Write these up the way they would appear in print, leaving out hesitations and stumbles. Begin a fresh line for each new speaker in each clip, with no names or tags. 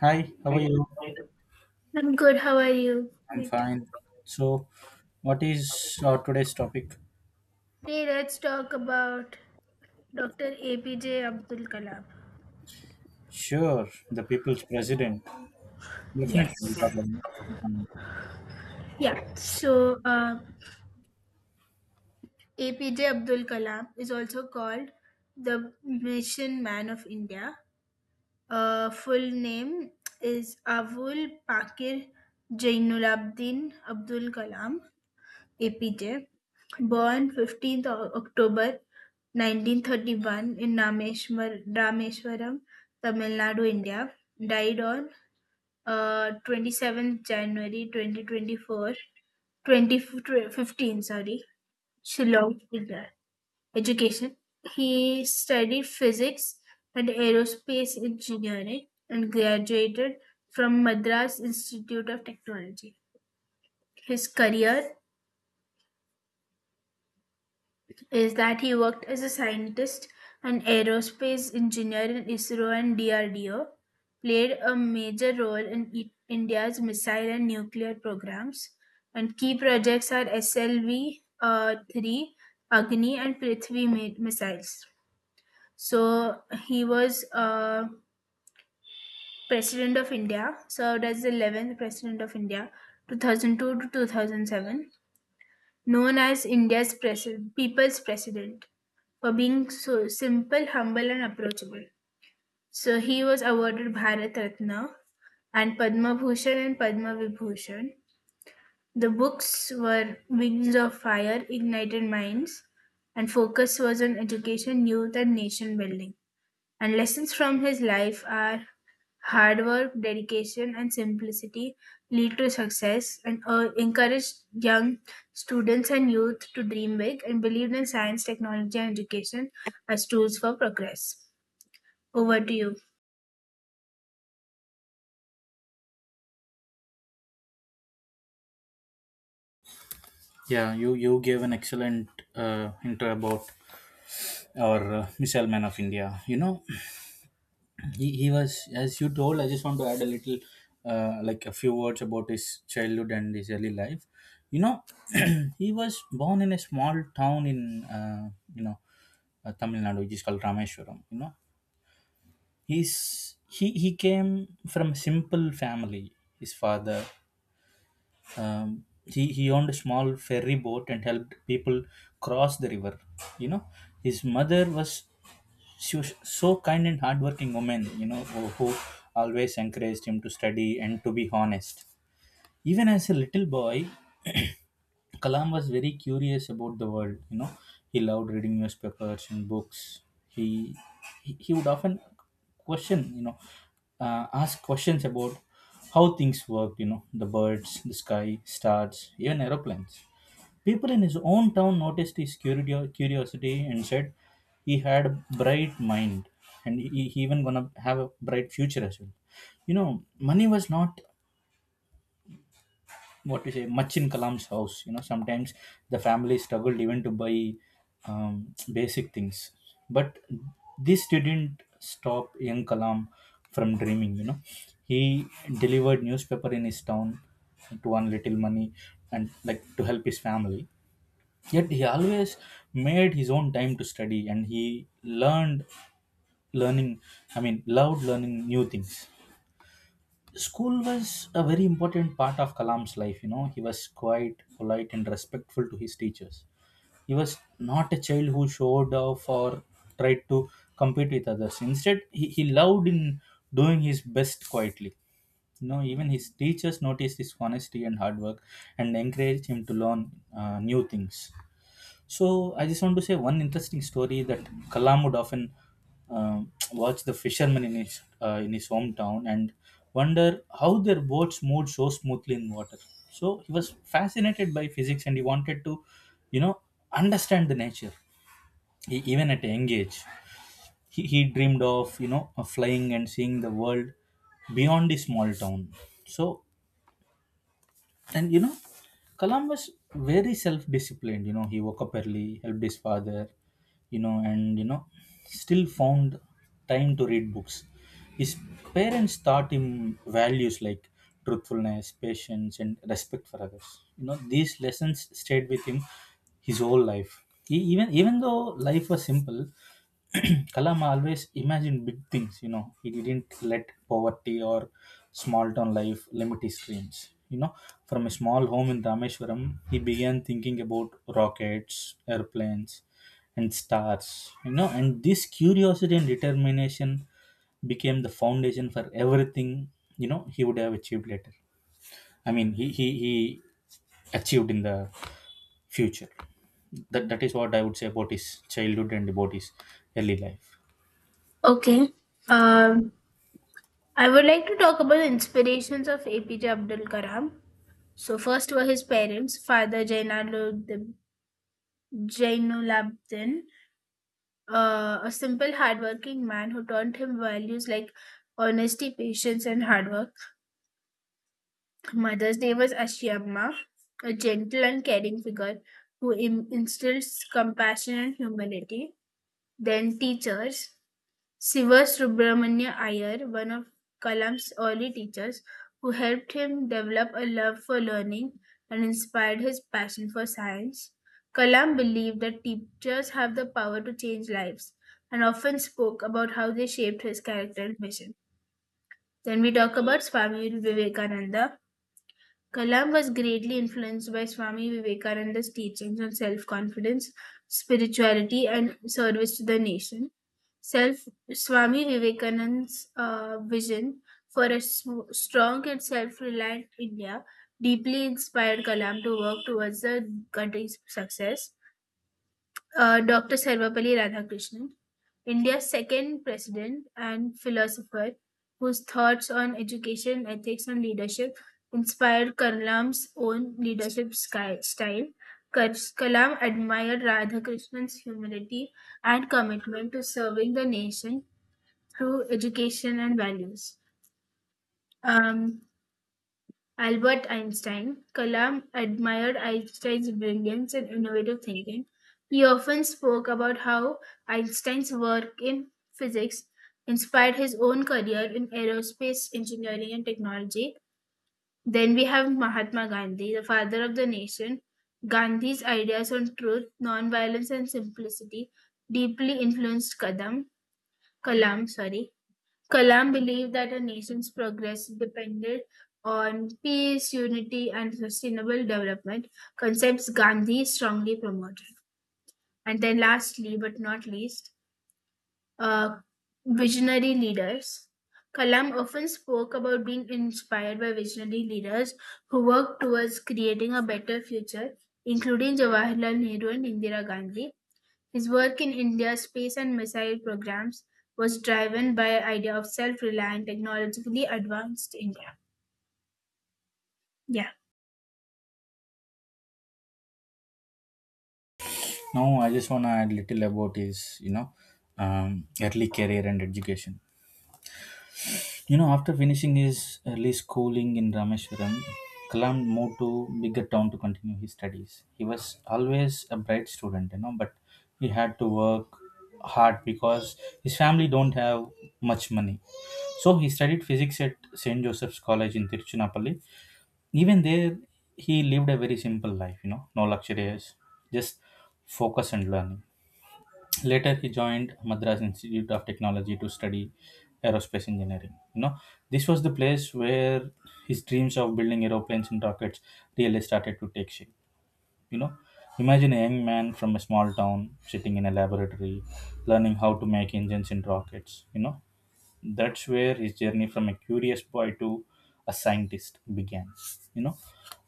Hi, how are you?
I'm good. How are you?
I'm
Wait.
fine. So, what is our today's topic?
Today, let's talk about Dr. APJ Abdul Kalam.
Sure, the people's president.
Yes.
Definitely, we'll talk
Okay.
about it.
Yeah. APJ Abdul Kalam is also called the Mission Man of India. Full name is Avul Pakir Jainulabdin Abdul Kalam. Epitaph, born 15th October 1931 in Rameswaram, Tamil Nadu, India, died on 27th January 2024, 2015, sorry, Shillong, India. Education. He studied physics and aerospace engineering and graduated from Madras Institute of Technology. His career is that he worked as a scientist, an aerospace engineer in ISRO and DRDO, played a major role in India's missile and nuclear programs, and key projects are SLV 3, Agni, and Prithvi missiles. So he was president of India, served as the 11th president of India, 2002 to 2007. Known as people's president for being so simple, humble, and approachable. So he was awarded Bharat Ratna and Padma Bhushan and Padma Vibhushan. The books were Wings of Fire, Ignited Minds, and focus was on education, youth, and nation building. And lessons from his life are hard work, dedication, and simplicity lead to success and encouraged young students and youth to dream big and believed in science, technology, and education as tools for progress. Over to you.
Yeah, you gave an excellent intro about our missile man of India. You know, he was as you told. I just want to add a little, like a few words about his childhood and his early life. You know, he was born in a small town in you know Tamil Nadu, which is called Rameswaram. You know, he came from a simple family. His father, he owned a small ferry boat and helped people cross the river, you know. His mother was, she was so kind and hardworking woman, you know, who always encouraged him to study and to be honest. Even as a little boy, Kalam was very curious about the world. You know, he loved reading newspapers and books. He he would often question, you know, ask questions about how things worked. You know, the birds, the sky, stars, even aeroplanes. People in his own town noticed his curiosity and said he had a bright mind and he even gonna have a bright future as well. You know, money was not what to say much in Kalam's house, you know. Sometimes the family struggled even to buy, um, basic things, but this didn't stop young Kalam from dreaming, you know. He delivered newspaper in his town to earn little money and like to help his family. Yet he always made his own time to study, and he learned learning I mean loved learning new things. School was a very important part of Kalam's life. You know, he was quite polite and respectful to his teachers. He was not a child who showed off or tried to compete with others. Instead, he loved in doing his best quietly. You know, even his teachers noticed his honesty and hard work and encouraged him to learn new things. So I just want to say one interesting story, that Kalam would often watch the fishermen in his hometown and wonder how their boats moved so smoothly in water. So he was fascinated by physics, and he wanted to, you know, understand the nature. He, even at a young age, he dreamed of, of flying and seeing the world beyond his small town. So, and you know, Columbus very self-disciplined. You know, he woke up early, helped his father. You know, and you know, still found time to read books. His parents taught him values like truthfulness, patience, and respect for others. You know, these lessons stayed with him his whole life. He, even even though life was simple, Kalam always imagined big things, you know. He didn't let poverty or small town life limit his dreams. You know, from a small home in Rameshwaram, he began thinking about rockets, airplanes, and stars. You know, and this curiosity and determination became the foundation for everything, you know, he would have achieved later. I mean, he achieved in the future. That is what I would say about his childhood and about his early life.
Okay. Um, I would like to talk about the inspirations of APJ Abdul Kalam. So first were his parents. Father Jainalabdin, a simple, hardworking man who taught him values like honesty, patience, and hard work. Mother's Day was Ashiyamma, a gentle and caring figure who instills compassion and humility. Then teachers. Siva-Subramanya Iyer, one of Kalam's early teachers, who helped him develop a love for learning and inspired his passion for science. Kalam believed that teachers have the power to change lives and often spoke about how they shaped his character and mission. Then we talk about Swami Vivekananda. Kalam was greatly influenced by Swami Vivekananda's teachings on self confidence, spirituality, and service to the nation. Self Swami Vivekananda's vision for a strong and self reliant India deeply inspired Kalam to work towards the country's success. Dr. Sarvapalli Radhakrishnan, India's second president and philosopher, whose thoughts on education, ethics, and leadership inspired Kalam's own leadership style. Kalam admired Radhakrishnan's humility and commitment to serving the nation through education and values. Um, Albert Einstein. Kalam admired Einstein's brilliance and innovative thinking. He often spoke about how Einstein's work in physics inspired his own career in aerospace engineering and technology. Then we have Mahatma Gandhi, the father of the nation. Gandhi's ideas on truth, nonviolence, and simplicity deeply influenced Kadam, Kalam. Sorry. Kalam believed that a nation's progress depended on peace, unity, and sustainable development, concepts Gandhi strongly promoted. And then, lastly but not least, uh, visionary leaders. Kalam often spoke about being inspired by visionary leaders who worked towards creating a better future, including Jawaharlal Nehru and Indira Gandhi. His work in India's space and missile programs was driven by an idea of self-reliant, technologically advanced India. Yeah,
No, I just want to add little about his, you know, early career and education. You know, after finishing his early schooling in Rameshwaram, Kalam moved to bigger town to continue his studies. He was always a bright student, you know, but he had to work hard because his family don't have much money. So he studied physics at St. Joseph's College in Tiruchirappalli. Even there, he lived a very simple life, you know, no luxurious, just focus and learning. Later he joined Madras Institute of Technology to study aerospace engineering, you know. This was the place where his dreams of building aeroplanes and rockets really started to take shape, you know. Imagine a young man from a small town sitting in a laboratory learning how to make engines and rockets, you know. That's where his journey from a curious boy to a scientist began. You know,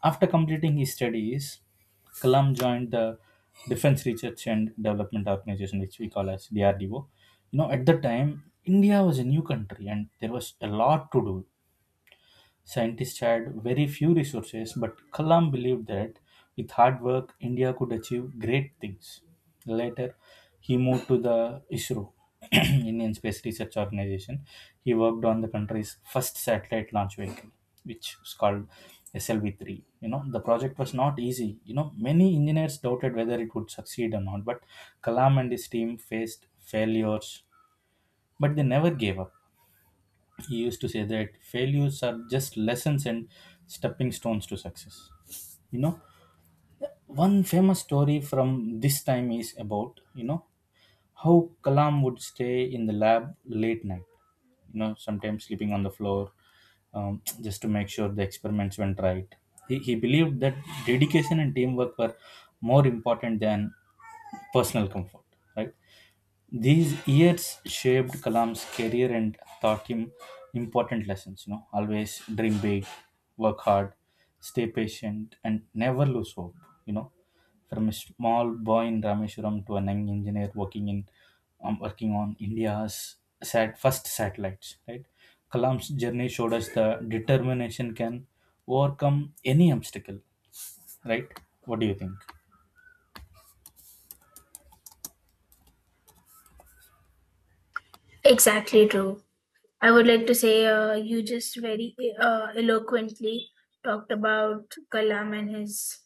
after completing his studies, Kalam joined the Defense Research and Development Organization, which we call as DRDO. You know, at the time, India was a new country and there was a lot to do. Scientists had very few resources, but Kalam believed that with hard work, India could achieve great things. Later, he moved to the ISRO, Indian Space Research Organization. He worked on the country's first satellite launch vehicle, which was called SLV-3. You know, the project was not easy. You know, many engineers doubted whether it would succeed or not, but Kalam and his team faced failures, but they never gave up. He used to say that failures are just lessons and stepping stones to success, you know. One famous story from this time is about, you know, how Kalam would stay in the lab late night, you know, sometimes sleeping on the floor, just to make sure the experiments went right. He believed that dedication and teamwork were more important than personal comfort, right? These years shaped Kalam's career and taught him important lessons. You know, always dream big, work hard, stay patient, and never lose hope. You know, from a small boy in Rameshwaram to a young engineer working in, working on India's first satellites. Right, Kalam's journey showed us the determination can overcome any obstacle. Right, what do you think?
exactly true. I would like to say you just very eloquently talked about Kalam and his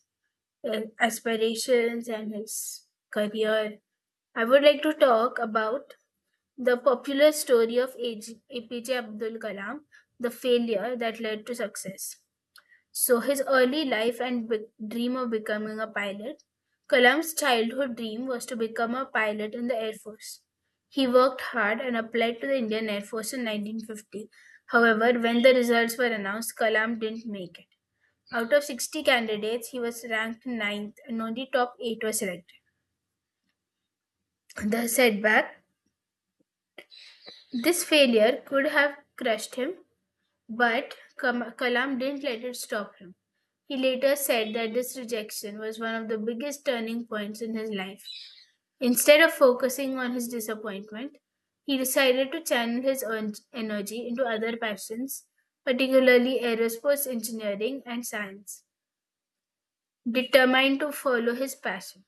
aspirations and his career. I would like to talk about the popular story of AJ APJ Abdul Kalam, the failure that led to success. So, his early life and dream of becoming a pilot. Kalam's childhood dream was to become a pilot in the Air Force. He worked hard and applied to the Indian Air Force in 1950. However, when the results were announced, Kalam didn't make it. Out of 60 candidates, he was ranked ninth, and only top 8 were selected. The setback, this failure could have crushed him, but Kalam didn't let it stop him. He later said that this rejection was one of the biggest turning points in his life. Instead of focusing on his disappointment, he decided to channel his energy into other passions, particularly aerospace engineering and science. Determined to follow his passion,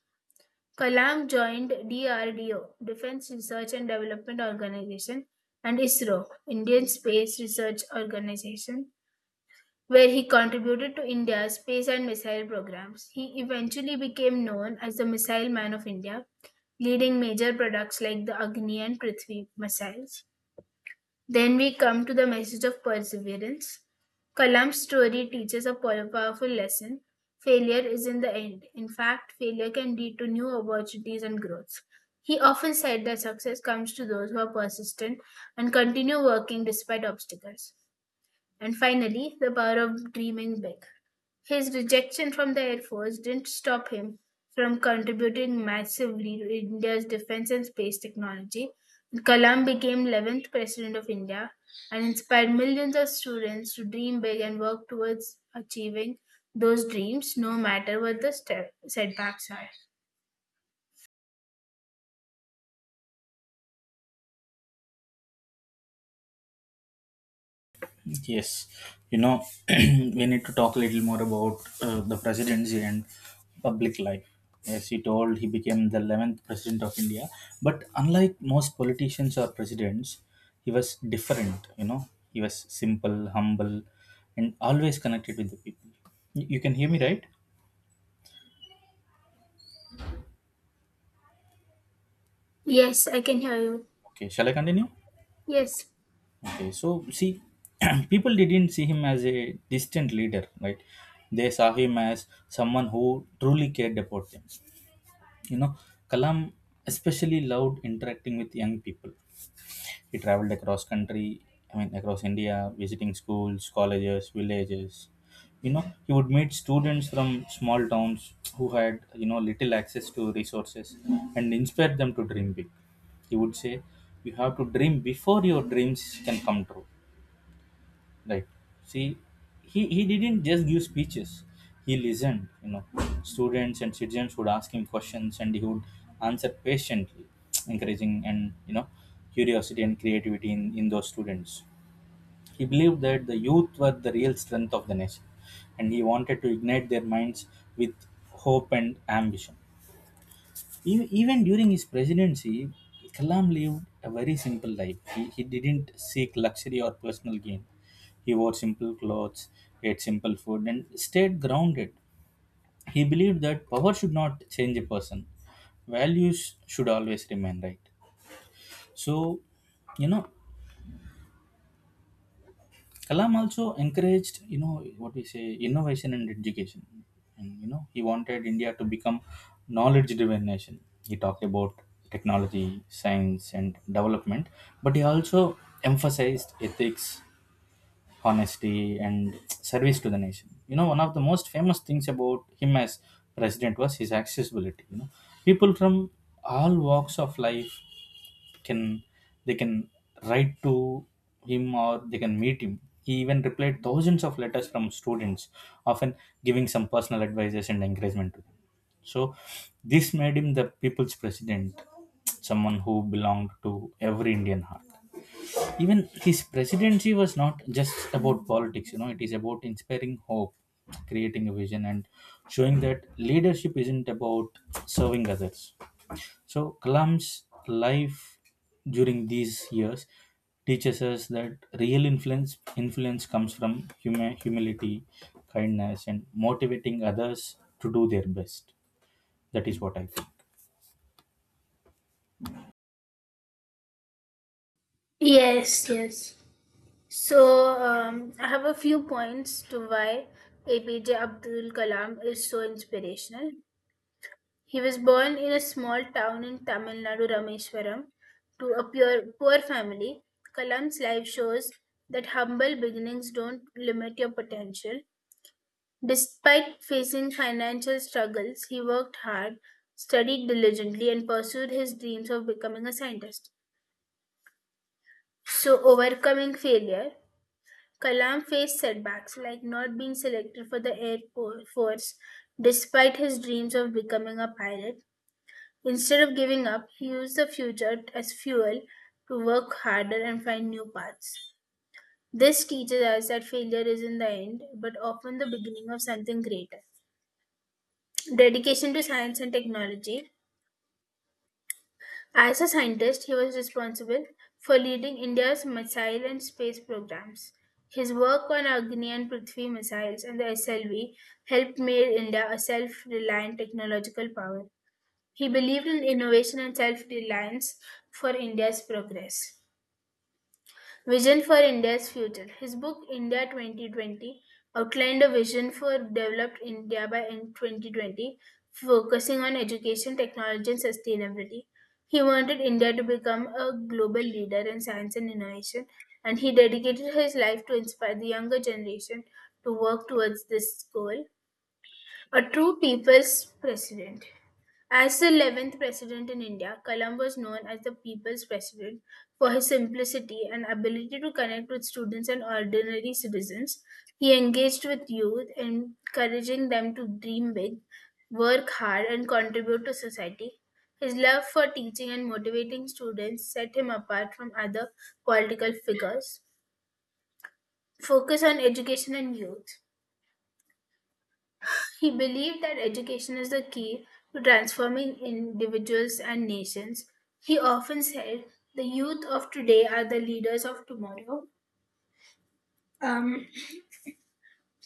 Kalam joined DRDO, Defense Research and Development Organization, and ISRO, Indian Space Research Organization, where he contributed to India's space and missile programs. He eventually became known as the Missile Man of India, leading major products like the Agni and Prithvi missiles. Then we come to the message of perseverance. Kalam's story teaches a powerful lesson. Failure is in the end. In fact, failure can lead to new opportunities and growth. He often said that success comes to those who are persistent and continue working despite obstacles. And finally, the power of dreaming big. His rejection from the Air Force didn't stop him from contributing massively to India's defense and space technology. Kalam became 11th President of India and inspired millions of students to dream big and work towards achieving those dreams, no matter what the setbacks are.
Yes, you know, we need to talk a little more about the presidency and public life. As he told, he became the 11th president of India. But unlike most politicians or presidents, he was different, you know. He was simple, humble, and always connected with the people. You can hear me, right?
Yes, I can hear you.
Okay, shall I continue?
Yes.
Okay, so see, people didn't see him as a distant leader, right? They saw him as someone who truly cared about them. You know, Kalam especially loved interacting with young people. He traveled across country, I mean across India, visiting schools, colleges, villages. You know, he would meet students from small towns who had, you know, little access to resources, and inspire them to dream big. He would say, "You have to dream before your dreams can come true," like, see, he didn't just give speeches, he listened, you know. Students and citizens would ask him questions, and he would answer patiently, encouraging, and you know, curiosity and creativity in those students. He believed that the youth were the real strength of the nation, and he wanted to ignite their minds with hope and ambition. Even during his presidency, Kalam lived a very simple life. He didn't seek luxury or personal gain. He wore simple clothes, ate simple food, and stayed grounded. He believed that power should not change a person, values should always remain right. So, you know, Kalam also encouraged, you know, what we say, innovation and education. And, you know, he wanted India to become knowledge-driven nation. He talked about technology, science, and development, but he also emphasized ethics, honesty, and service to the nation. You know, one of the most famous things about him as president was his accessibility. You know, people from all walks of life can, they can write to him, or they can meet him. He even replied thousands of letters from students, often giving some personal advices and encouragement to them. So this made him the people's president, someone who belonged to every Indian heart. Even his presidency was not just about politics, you know, it is about inspiring hope, creating a vision, and showing that leadership isn't about serving others. So Kalam's life during these years teaches us that real influence comes from humility, kindness, and motivating others to do their best. That is what I think.
Yes, yes. So, I have a few points to why APJ Abdul Kalam is so inspirational. He was born in a small town in Tamil Nadu, Rameswaram, to a pure, poor family. Kalam's life shows that humble beginnings don't limit your potential. Despite facing financial struggles, he worked hard, studied diligently, and pursued his dreams of becoming a scientist. So, overcoming failure. Kalam faced setbacks like not being selected for the Force despite his dreams of becoming a pilot. Instead of giving up, he used the future as fuel to work harder and find new paths. This teaches us that failure isn't the end, but often the beginning of something greater. Dedication to science and technology. As a scientist, he was responsible for leading India's missile and space programs. His work on Agni and Prithvi missiles and the SLV helped make India a self reliant technological power. He believed in innovation and self reliance for India's progress. Vision for India's future. His book India 2020 outlined a vision for developed India by in 2020, focusing on education, technology, and sustainability. He wanted India to become a global leader in science and innovation, and he dedicated his life to inspire the younger generation to work towards this goal. A true people's president. As the 11th president in India, Kalam was known as the people's president for his simplicity and ability to connect with students and ordinary citizens. He engaged with youth, encouraging them to dream big, work hard, and contribute to society. His love for teaching and motivating students set him apart from other political figures. Focus on education and youth. He believed that education is the key to transforming individuals and nations. He often said, the youth of today are the leaders of tomorrow. Um,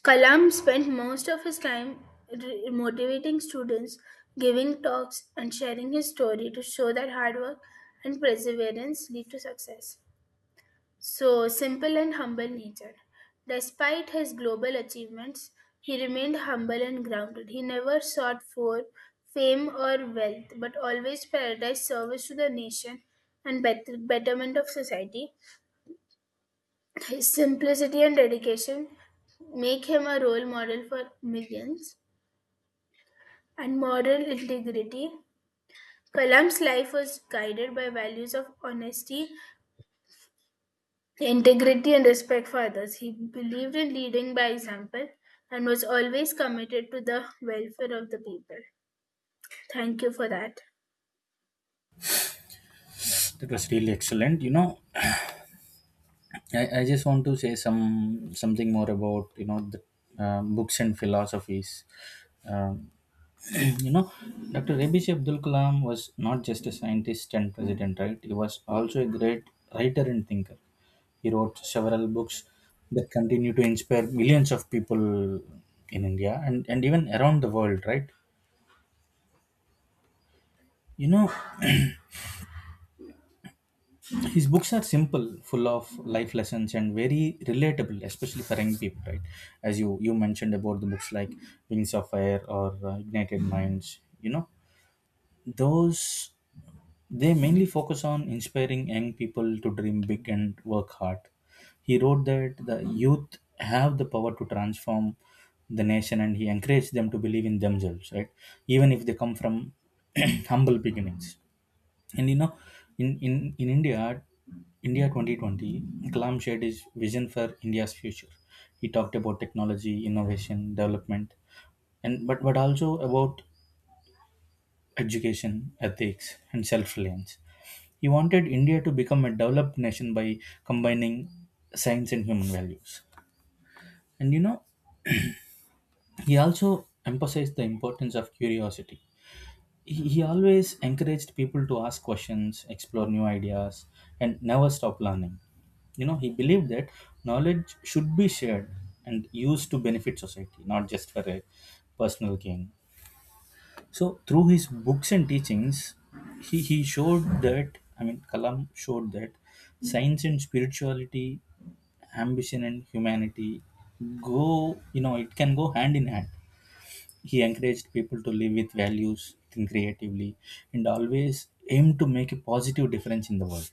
Kalam spent most of his time motivating students, giving talks, and sharing his story to show that hard work and perseverance lead to success. So simple and humble nature. Despite his global achievements, he remained humble and grounded. He never sought for fame or wealth, but always prioritized service to the nation and betterment of society. His simplicity and dedication make him a role model for millions and moral integrity. Kalam's life was guided by values of honesty integrity and respect for others. He believed in leading by example and was always committed to the welfare of the people. Thank you for that.
That was really excellent. You know, I just want to say something more about, you know, the books and philosophies. Um, you know, Dr. APJ Abdul Kalam was not just a scientist and president, right? He was also a great writer and thinker. He wrote several books that continue to inspire millions of people in India, and even around the world, right? You know, his books are simple, full of life lessons and very relatable, especially for young people, right? As you mentioned about the books like Wings of Fire or Ignited Minds, you know, those, they mainly focus on inspiring young people to dream big and work hard. He wrote that the youth have the power to transform the nation, and he encouraged them to believe in themselves, right? Even if they come from humble beginnings. And you know, in India, India 2020, Kalam shared his vision for India's future. He talked about technology, innovation, development, but also about education, ethics, and self reliance. He wanted India to become a developed nation by combining science and human values. And you know, he also emphasized the importance of curiosity. He always encouraged people to ask questions, explore new ideas, and never stop learning. You know, he believed that knowledge should be shared and used to benefit society, not just for a personal gain. So through his books and teachings, he showed that I mean Kalam showed that science and spirituality, ambition and humanity go it can go hand in hand. He encouraged people to live with values, think creatively, and always aim to make a positive difference in the world.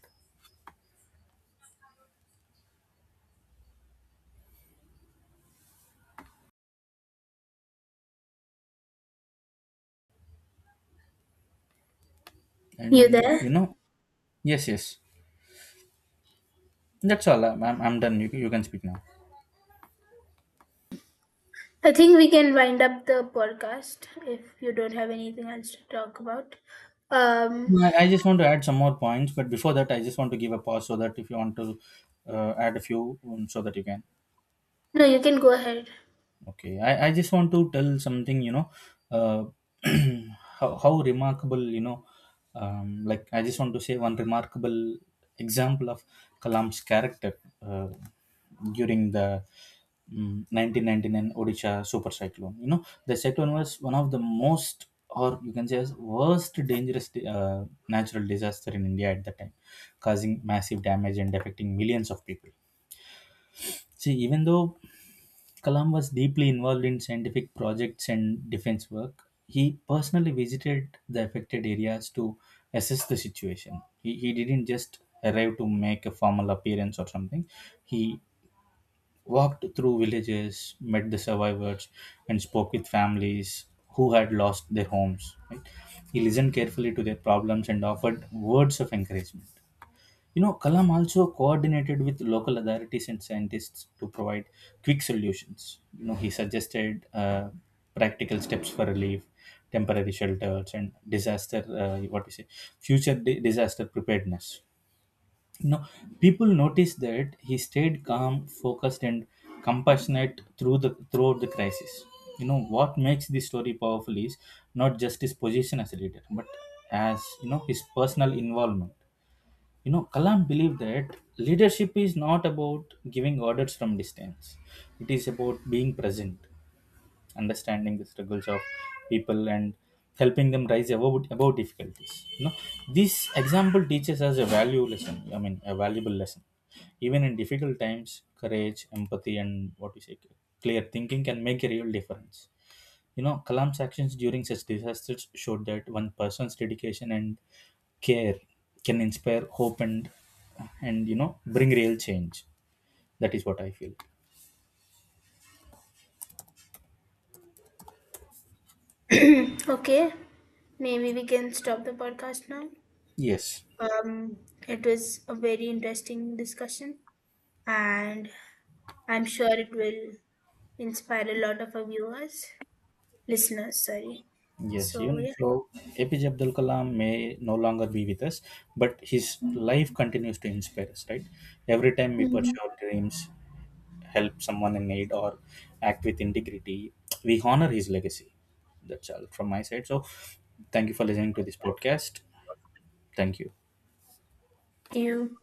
You
And
there?
you know, yes, yes, that's all. I'm done. You can speak now.
I think we can wind up the podcast if you don't have anything else to talk about. Um,
No, I just want to add some more points, but before that, I just want to give a pause so that if you want to add a few, so that you can.
no, you can go ahead.
Okay, I just want to tell something, you know, uh, how remarkable, you know, like I just want to say one remarkable example of Kalam's character during the 1999 Odisha super cyclone. You know, the cyclone was one of the most, or you can say, as worst dangerous natural disaster in India at that time, causing massive damage and affecting millions of people. See, even though Kalam was deeply involved in scientific projects and defense work. He personally visited the affected areas to assess the situation. He didn't just arrive to make a formal appearance or something. He walked through villages, met the survivors, and spoke with families who had lost their homes, right? He listened carefully to their problems and offered words of encouragement. You know, Kalam also coordinated with local authorities and scientists to provide quick solutions. You know, he suggested practical steps for relief, temporary shelters, and disaster. What we say, future disaster preparedness. You know, people noticed that he stayed calm, focused, and compassionate throughout the crisis. You know, what makes this story powerful is not just his position as a leader, but as you know his personal involvement. You know, Kalam believed that leadership is not about giving orders from distance. It is about being present, understanding the struggles of people and helping them rise above difficulties. You know, this example teaches us a value lesson. I mean, a valuable lesson. Even in difficult times, courage, empathy, and what you say, clear thinking can make a real difference. You know, Kalam's actions during such disasters showed that one person's dedication and care can inspire hope and bring real change. That is what I feel.
Okay, maybe we can stop the podcast now.
Yes.
Um, it was a very interesting discussion, and I'm sure it will inspire a lot of our viewers. Listeners, sorry. So,
Yes, even
yeah.
so, APJ Abdul Kalam may no longer be with us, but his life continues to inspire us, right? Every time we
Mhm.
pursue our dreams, help someone in need, or act with integrity, we honor his legacy. That's all from my side. So, thank you for listening to this podcast. Thank you.
Thank you.